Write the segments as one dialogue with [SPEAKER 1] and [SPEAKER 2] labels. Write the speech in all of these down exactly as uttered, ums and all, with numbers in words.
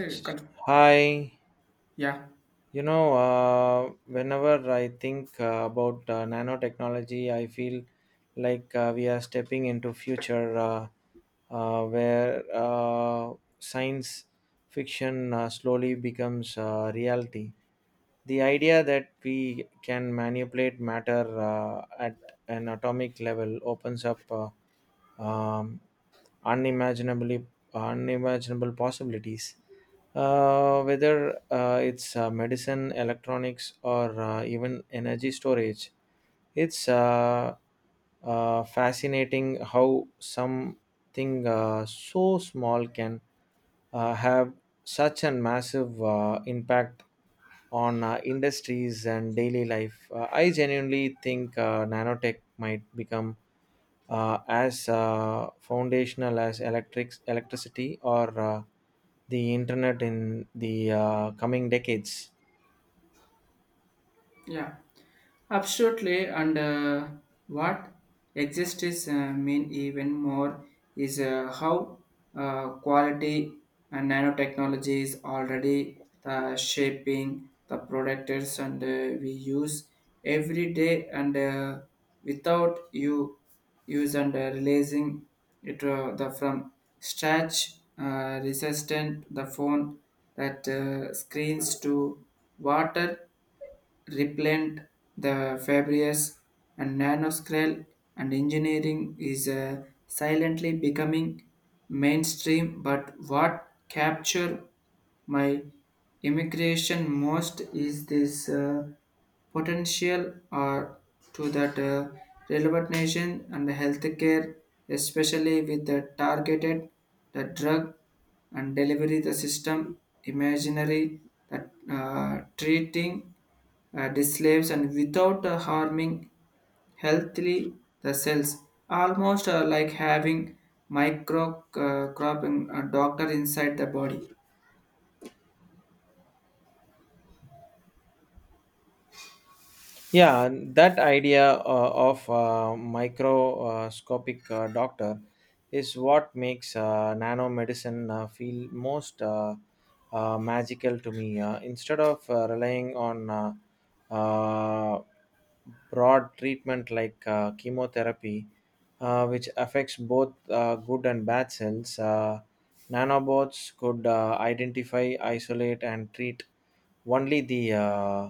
[SPEAKER 1] Hey, control.
[SPEAKER 2] Hi,
[SPEAKER 1] Yeah.
[SPEAKER 2] you know, uh, whenever I think uh, about uh, nanotechnology, I feel like uh, we are stepping into future uh, uh, where uh, science fiction uh, slowly becomes uh, reality. The idea that we can manipulate matter uh, at an atomic level opens up. Uh, um, unimaginably unimaginable possibilities. Uh, whether uh, it's uh, medicine, electronics, or uh, even energy storage, it's uh, uh, fascinating how something uh, so small can uh, have such a massive uh, impact on uh, industries and daily life. Uh, I genuinely think uh, nanotech might become uh, as uh, foundational as electrics, electricity or uh, the internet in the uh, coming decades.
[SPEAKER 1] Yeah, absolutely. And uh, what exists is uh, mean even more is uh, how uh, quality and nanotechnology is already the shaping the products and uh, we use every day and uh, without you use and uh, releasing it uh, the from scratch uh, resistant the phone that uh, screens to water repellent the Fabrius and nanoscale and engineering is uh, silently becoming mainstream, but what capture my immigration most is this uh, potential or to that uh, relevant nation and healthcare, especially with the targeted the drug and delivery the system imaginary that uh, treating uh, the slaves and without uh, harming healthily the cells, almost uh, like having micro uh, cropping a doctor inside the body.
[SPEAKER 2] Yeah, and that idea uh, of uh, microscopic uh, doctor is what makes uh, nanomedicine uh, feel most uh, uh, magical to me. Uh, instead of uh, relying on uh, uh, broad treatment like uh, chemotherapy, uh, which affects both uh, good and bad cells, uh, nanobots could uh, identify, isolate, and treat only the uh,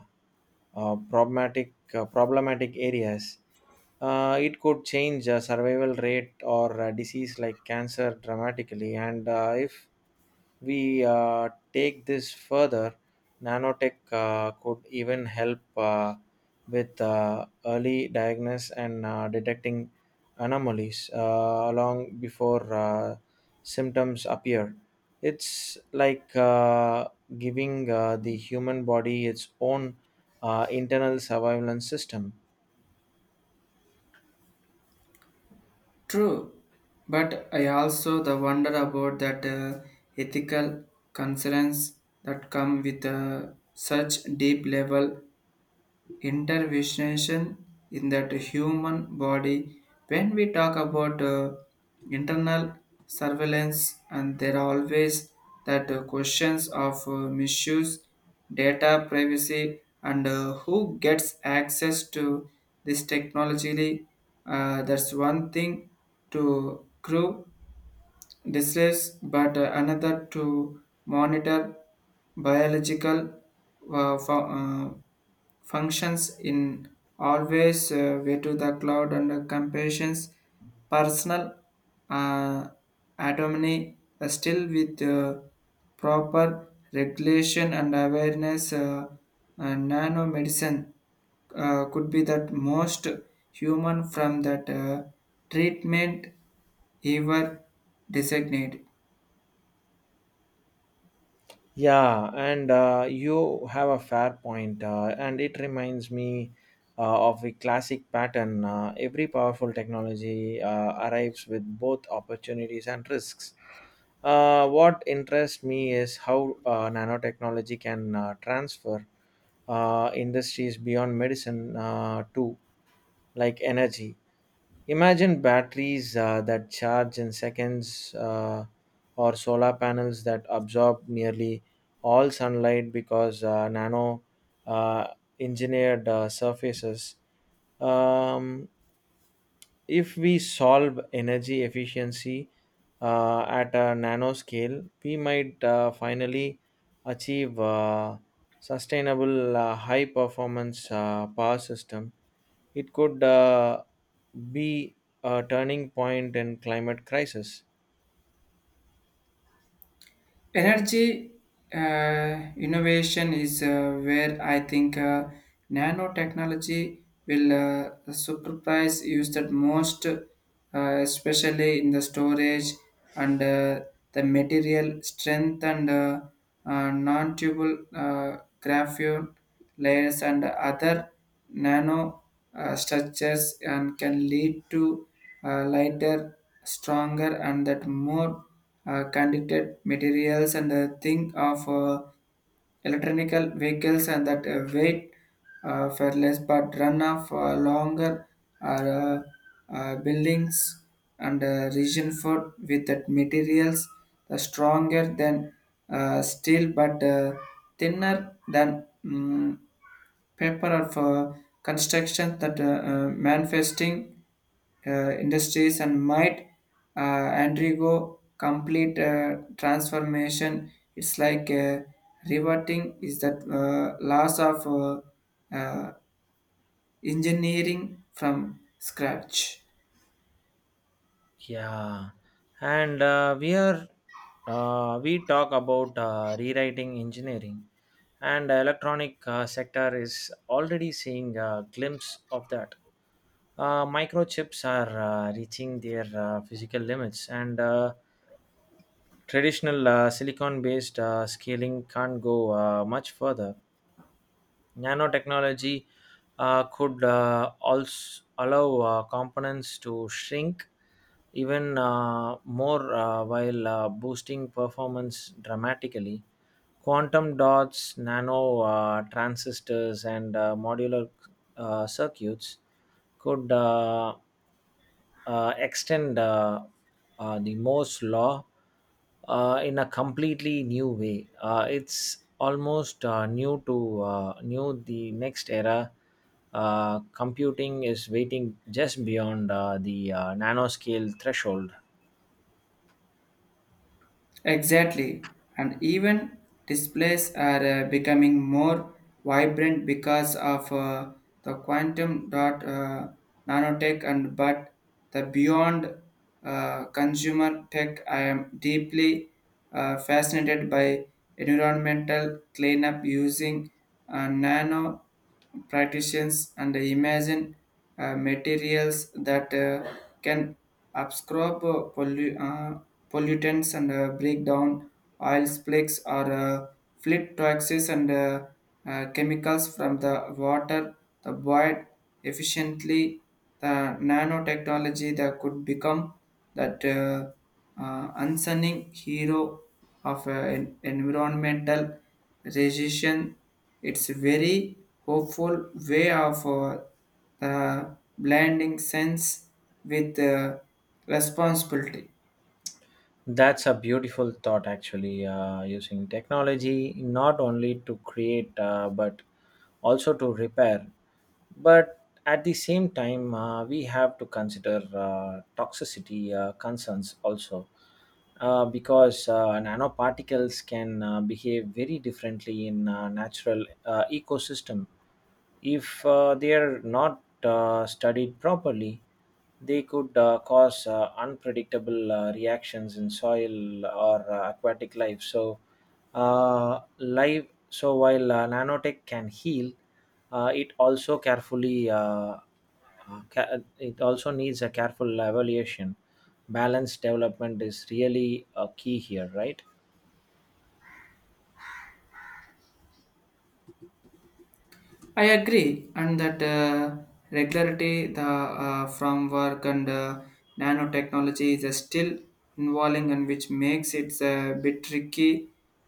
[SPEAKER 2] uh, problematic uh, problematic areas, uh, it could change uh, survival rate or uh, disease like cancer dramatically. And uh, if we uh, take this further, nanotech uh, could even help uh, with uh, early diagnosis and uh, detecting anomalies uh, long before uh, symptoms appear. It's like uh, giving uh, the human body its own uh, internal surveillance system.
[SPEAKER 1] True, but I also the wonder about that uh, ethical concerns that come with uh, such deep level intervention in that human body. When we talk about uh, internal surveillance, and there are always that uh, questions of uh, misuse, data privacy, and uh, who gets access to this technology. Uh, that's one thing to prove distress, but uh, another to monitor biological uh, fu- uh, functions in always uh, way to the cloud and uh, compassions personal uh, autonomy. Uh, still, with uh, proper regulation and awareness, uh, uh, nanomedicine uh, could be that most human from that uh, treatment ever designate.
[SPEAKER 2] Yeah, and uh, you have a fair point, uh, and it reminds me uh, of a classic pattern. Uh, every powerful technology uh, arrives with both opportunities and risks. Uh, what interests me is how uh, nanotechnology can uh, transfer uh, industries beyond medicine uh, to like energy Imagine batteries uh, that charge in seconds uh, or solar panels that absorb nearly all sunlight because uh, nano uh, engineered uh, surfaces. Um, if we solve energy efficiency uh, at a nano scale, we might uh, finally achieve uh, sustainable uh, high performance uh, power systems. It could uh, be a turning point in climate crisis.
[SPEAKER 1] Energy uh, innovation is uh, where I think uh, nanotechnology will uh, surprise used that most, uh, especially in the storage and uh, the material strength and uh, uh, non-tubal uh, graphene layers and other nano uh, structures and can lead to uh, lighter, stronger, and that more uh, conducted materials. And uh, think of uh, electronical vehicles and that uh, weight uh, for less, but run off uh, longer, or uh, uh, buildings and uh, region food with that materials the stronger than uh, steel, but uh, thinner than mm, paper, or for construction that uh, uh, manifesting uh, industries and might uh, undergo complete uh, transformation. It's like uh, reverting is that uh, loss of uh, uh, engineering from scratch.
[SPEAKER 2] Yeah, and uh, we are uh, we talk about uh, rewriting engineering, and electronic uh, sector is already seeing a glimpse of that. Uh, microchips are uh, reaching their uh, physical limits, and uh, traditional uh, silicon-based uh, scaling can't go uh, much further. Nanotechnology uh, could uh, also allow uh, components to shrink even uh, more uh, while uh, boosting performance dramatically. Quantum dots, nano uh, transistors, and uh, modular uh, circuits could uh, uh, extend uh, uh, the Moore's law uh, in a completely new way. Uh, it's almost uh, new to uh, new the next era. Uh, computing is waiting just beyond uh, the uh, nanoscale threshold.
[SPEAKER 1] Exactly, and even displays are uh, becoming more vibrant because of uh, the quantum dot uh, nanotech, and but the beyond uh, consumer tech. I am deeply uh, fascinated by environmental cleanup using uh, nano practitioners, and imagine uh, materials that uh, can absorb uh, pollu- uh, pollutants and uh, break down oil slicks, or uh, fleet toxins and uh, uh, chemicals from the water, the void efficiently. The nanotechnology that could become that uh, uh, unsung hero of uh, en- environmental resistance. It's very hopeful way of uh, uh, blending sense with uh, responsibility.
[SPEAKER 2] That's a beautiful thought, actually, uh, using technology not only to create uh, but also to repair but at the same time uh, we have to consider uh, toxicity uh, concerns also uh, because uh, nanoparticles can uh, behave very differently in uh, natural uh, ecosystem if uh, they are not uh, studied properly they could uh, cause uh, unpredictable uh, reactions in soil or uh, aquatic life so uh, life so while uh, nanotech can heal, uh, it also carefully uh, uh, ca- it also needs a careful evaluation. Balanced development is really a key here, right?
[SPEAKER 1] I agree, and that uh, regularity the uh, from work and uh, nanotechnology is still involving, and which makes it a bit tricky.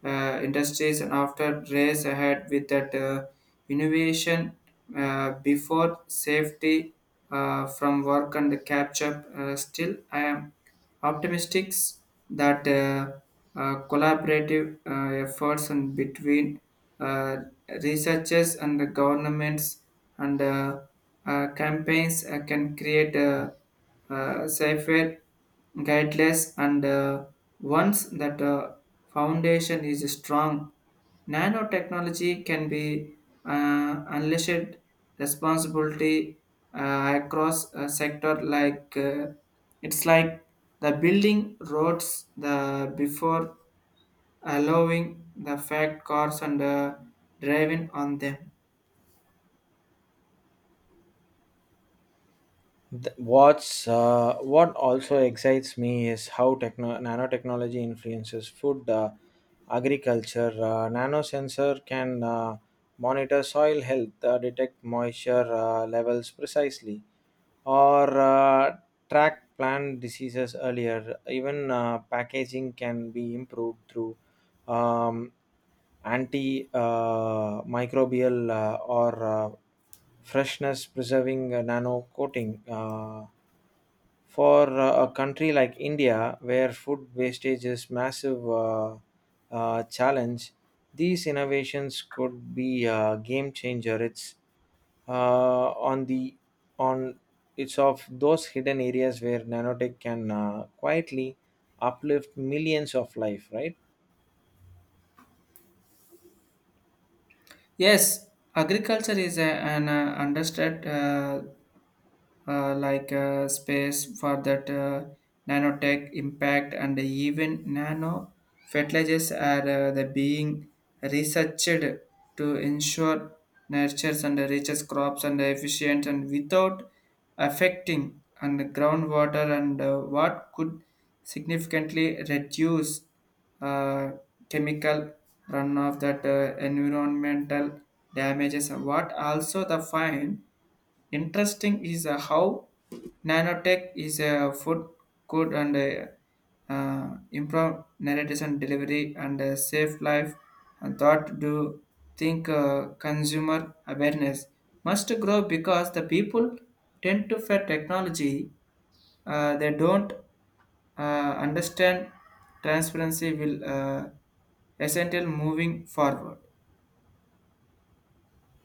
[SPEAKER 1] Uh, industries and after race ahead with that uh, innovation uh, before safety uh, from work and catch up. Uh, still, I am Optimistics that uh, uh, collaborative uh, efforts and between uh, researchers and the governments, and uh, uh, campaigns uh, can create a, uh, safer, guidelines, and uh, once that uh, foundation is strong, nanotechnology can be uh, unleashed responsibility uh, across a sector like uh, it's like the building roads the before allowing the fat cars and uh, driving on them.
[SPEAKER 2] Th- What's uh, what also excites me is how techno- nanotechnology influences food, uh, agriculture. Uh, Nanosensor can uh, monitor soil health, uh, detect moisture uh, levels precisely, or uh, track plant diseases earlier. Even uh, packaging can be improved through um, anti uh, microbial uh, or uh, freshness preserving uh, nano coating. Uh, for uh, a country like India, where food wastage is massive uh, uh, challenge, these innovations could be a game changer. It's uh, on the on it's of those hidden areas where nanotech can uh, quietly uplift millions of life, right?
[SPEAKER 1] Yes, agriculture is a, an uh, understood. Uh, uh, like uh, space for that uh, nanotech impact, and even nano fertilizers are uh, the being researched to ensure nurtures and reaches crops and efficient and without affecting and groundwater, and uh, what could significantly reduce uh, chemical runoff that uh, environmental damages, what also the fine Interesting is uh, how nanotech is a food, good, and uh, uh, improve narratives and delivery, and uh, safe life and thought to think uh, consumer awareness must grow because the people tend to fear technology. Uh, they don't uh, understand transparency will uh, essential moving forward.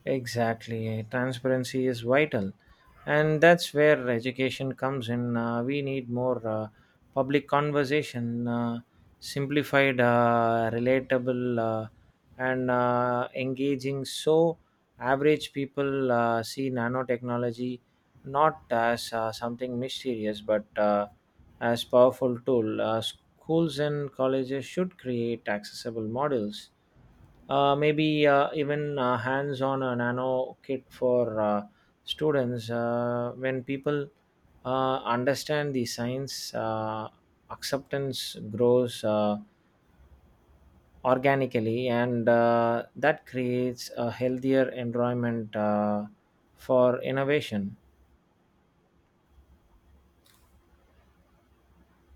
[SPEAKER 2] Exactly. Transparency is vital. And that's where education comes in. Uh, we need more uh, public conversation, uh, simplified, uh, relatable, uh, and uh, engaging so average people uh, see nanotechnology not as uh, something mysterious but uh, as powerful tool uh, schools and colleges should create accessible models uh, maybe uh, even uh, hands-on a nano kit for uh, students uh, when people uh, understand the science uh, acceptance grows uh, organically and uh, that creates a healthier environment uh, for innovation.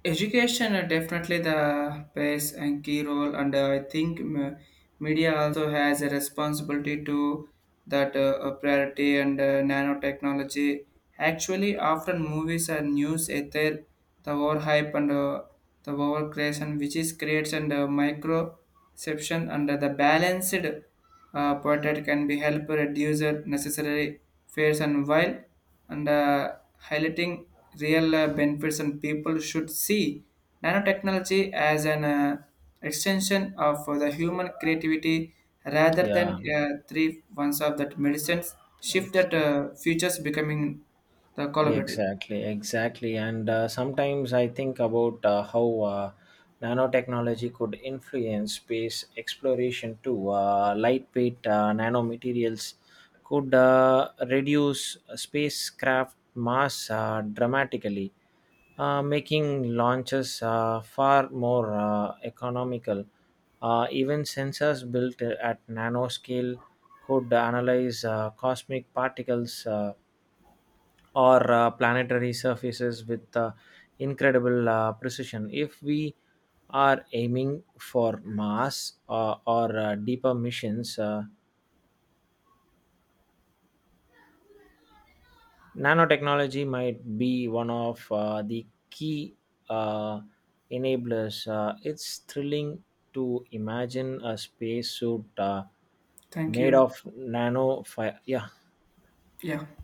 [SPEAKER 1] Education are definitely the plays a key role, and uh, I think m- media also has a responsibility to that uh, uh, priority and uh, nanotechnology. Actually, often movies and news ether the overhype and uh, the overcreation, which is creates and uh, microception under the balanced uh, portrait can be help reduce the necessary fears, and while and uh, highlighting real uh, benefits, and people should see nanotechnology as an uh, extension of the human creativity rather than
[SPEAKER 2] Yeah,
[SPEAKER 1] uh, three ones of that medicines shift
[SPEAKER 2] thanks.
[SPEAKER 1] that uh, futures becoming the collaborative
[SPEAKER 2] Exactly, exactly. And uh, sometimes I think about uh, how uh, nanotechnology could influence space exploration too. Uh, lightweight uh, nanomaterials could uh, reduce spacecraft mass uh, dramatically, uh, making launches uh, far more uh, economical. Uh, even sensors built at nanoscale could analyze uh, cosmic particles. Uh, or uh, planetary surfaces with uh, incredible uh, precision. If we are aiming for Mars uh, or uh, deeper missions, uh, nanotechnology might be one of uh, the key uh, enablers. Uh, it's thrilling to imagine a spacesuit uh,
[SPEAKER 1] thank
[SPEAKER 2] made
[SPEAKER 1] you
[SPEAKER 2] of nano fi- yeah
[SPEAKER 1] yeah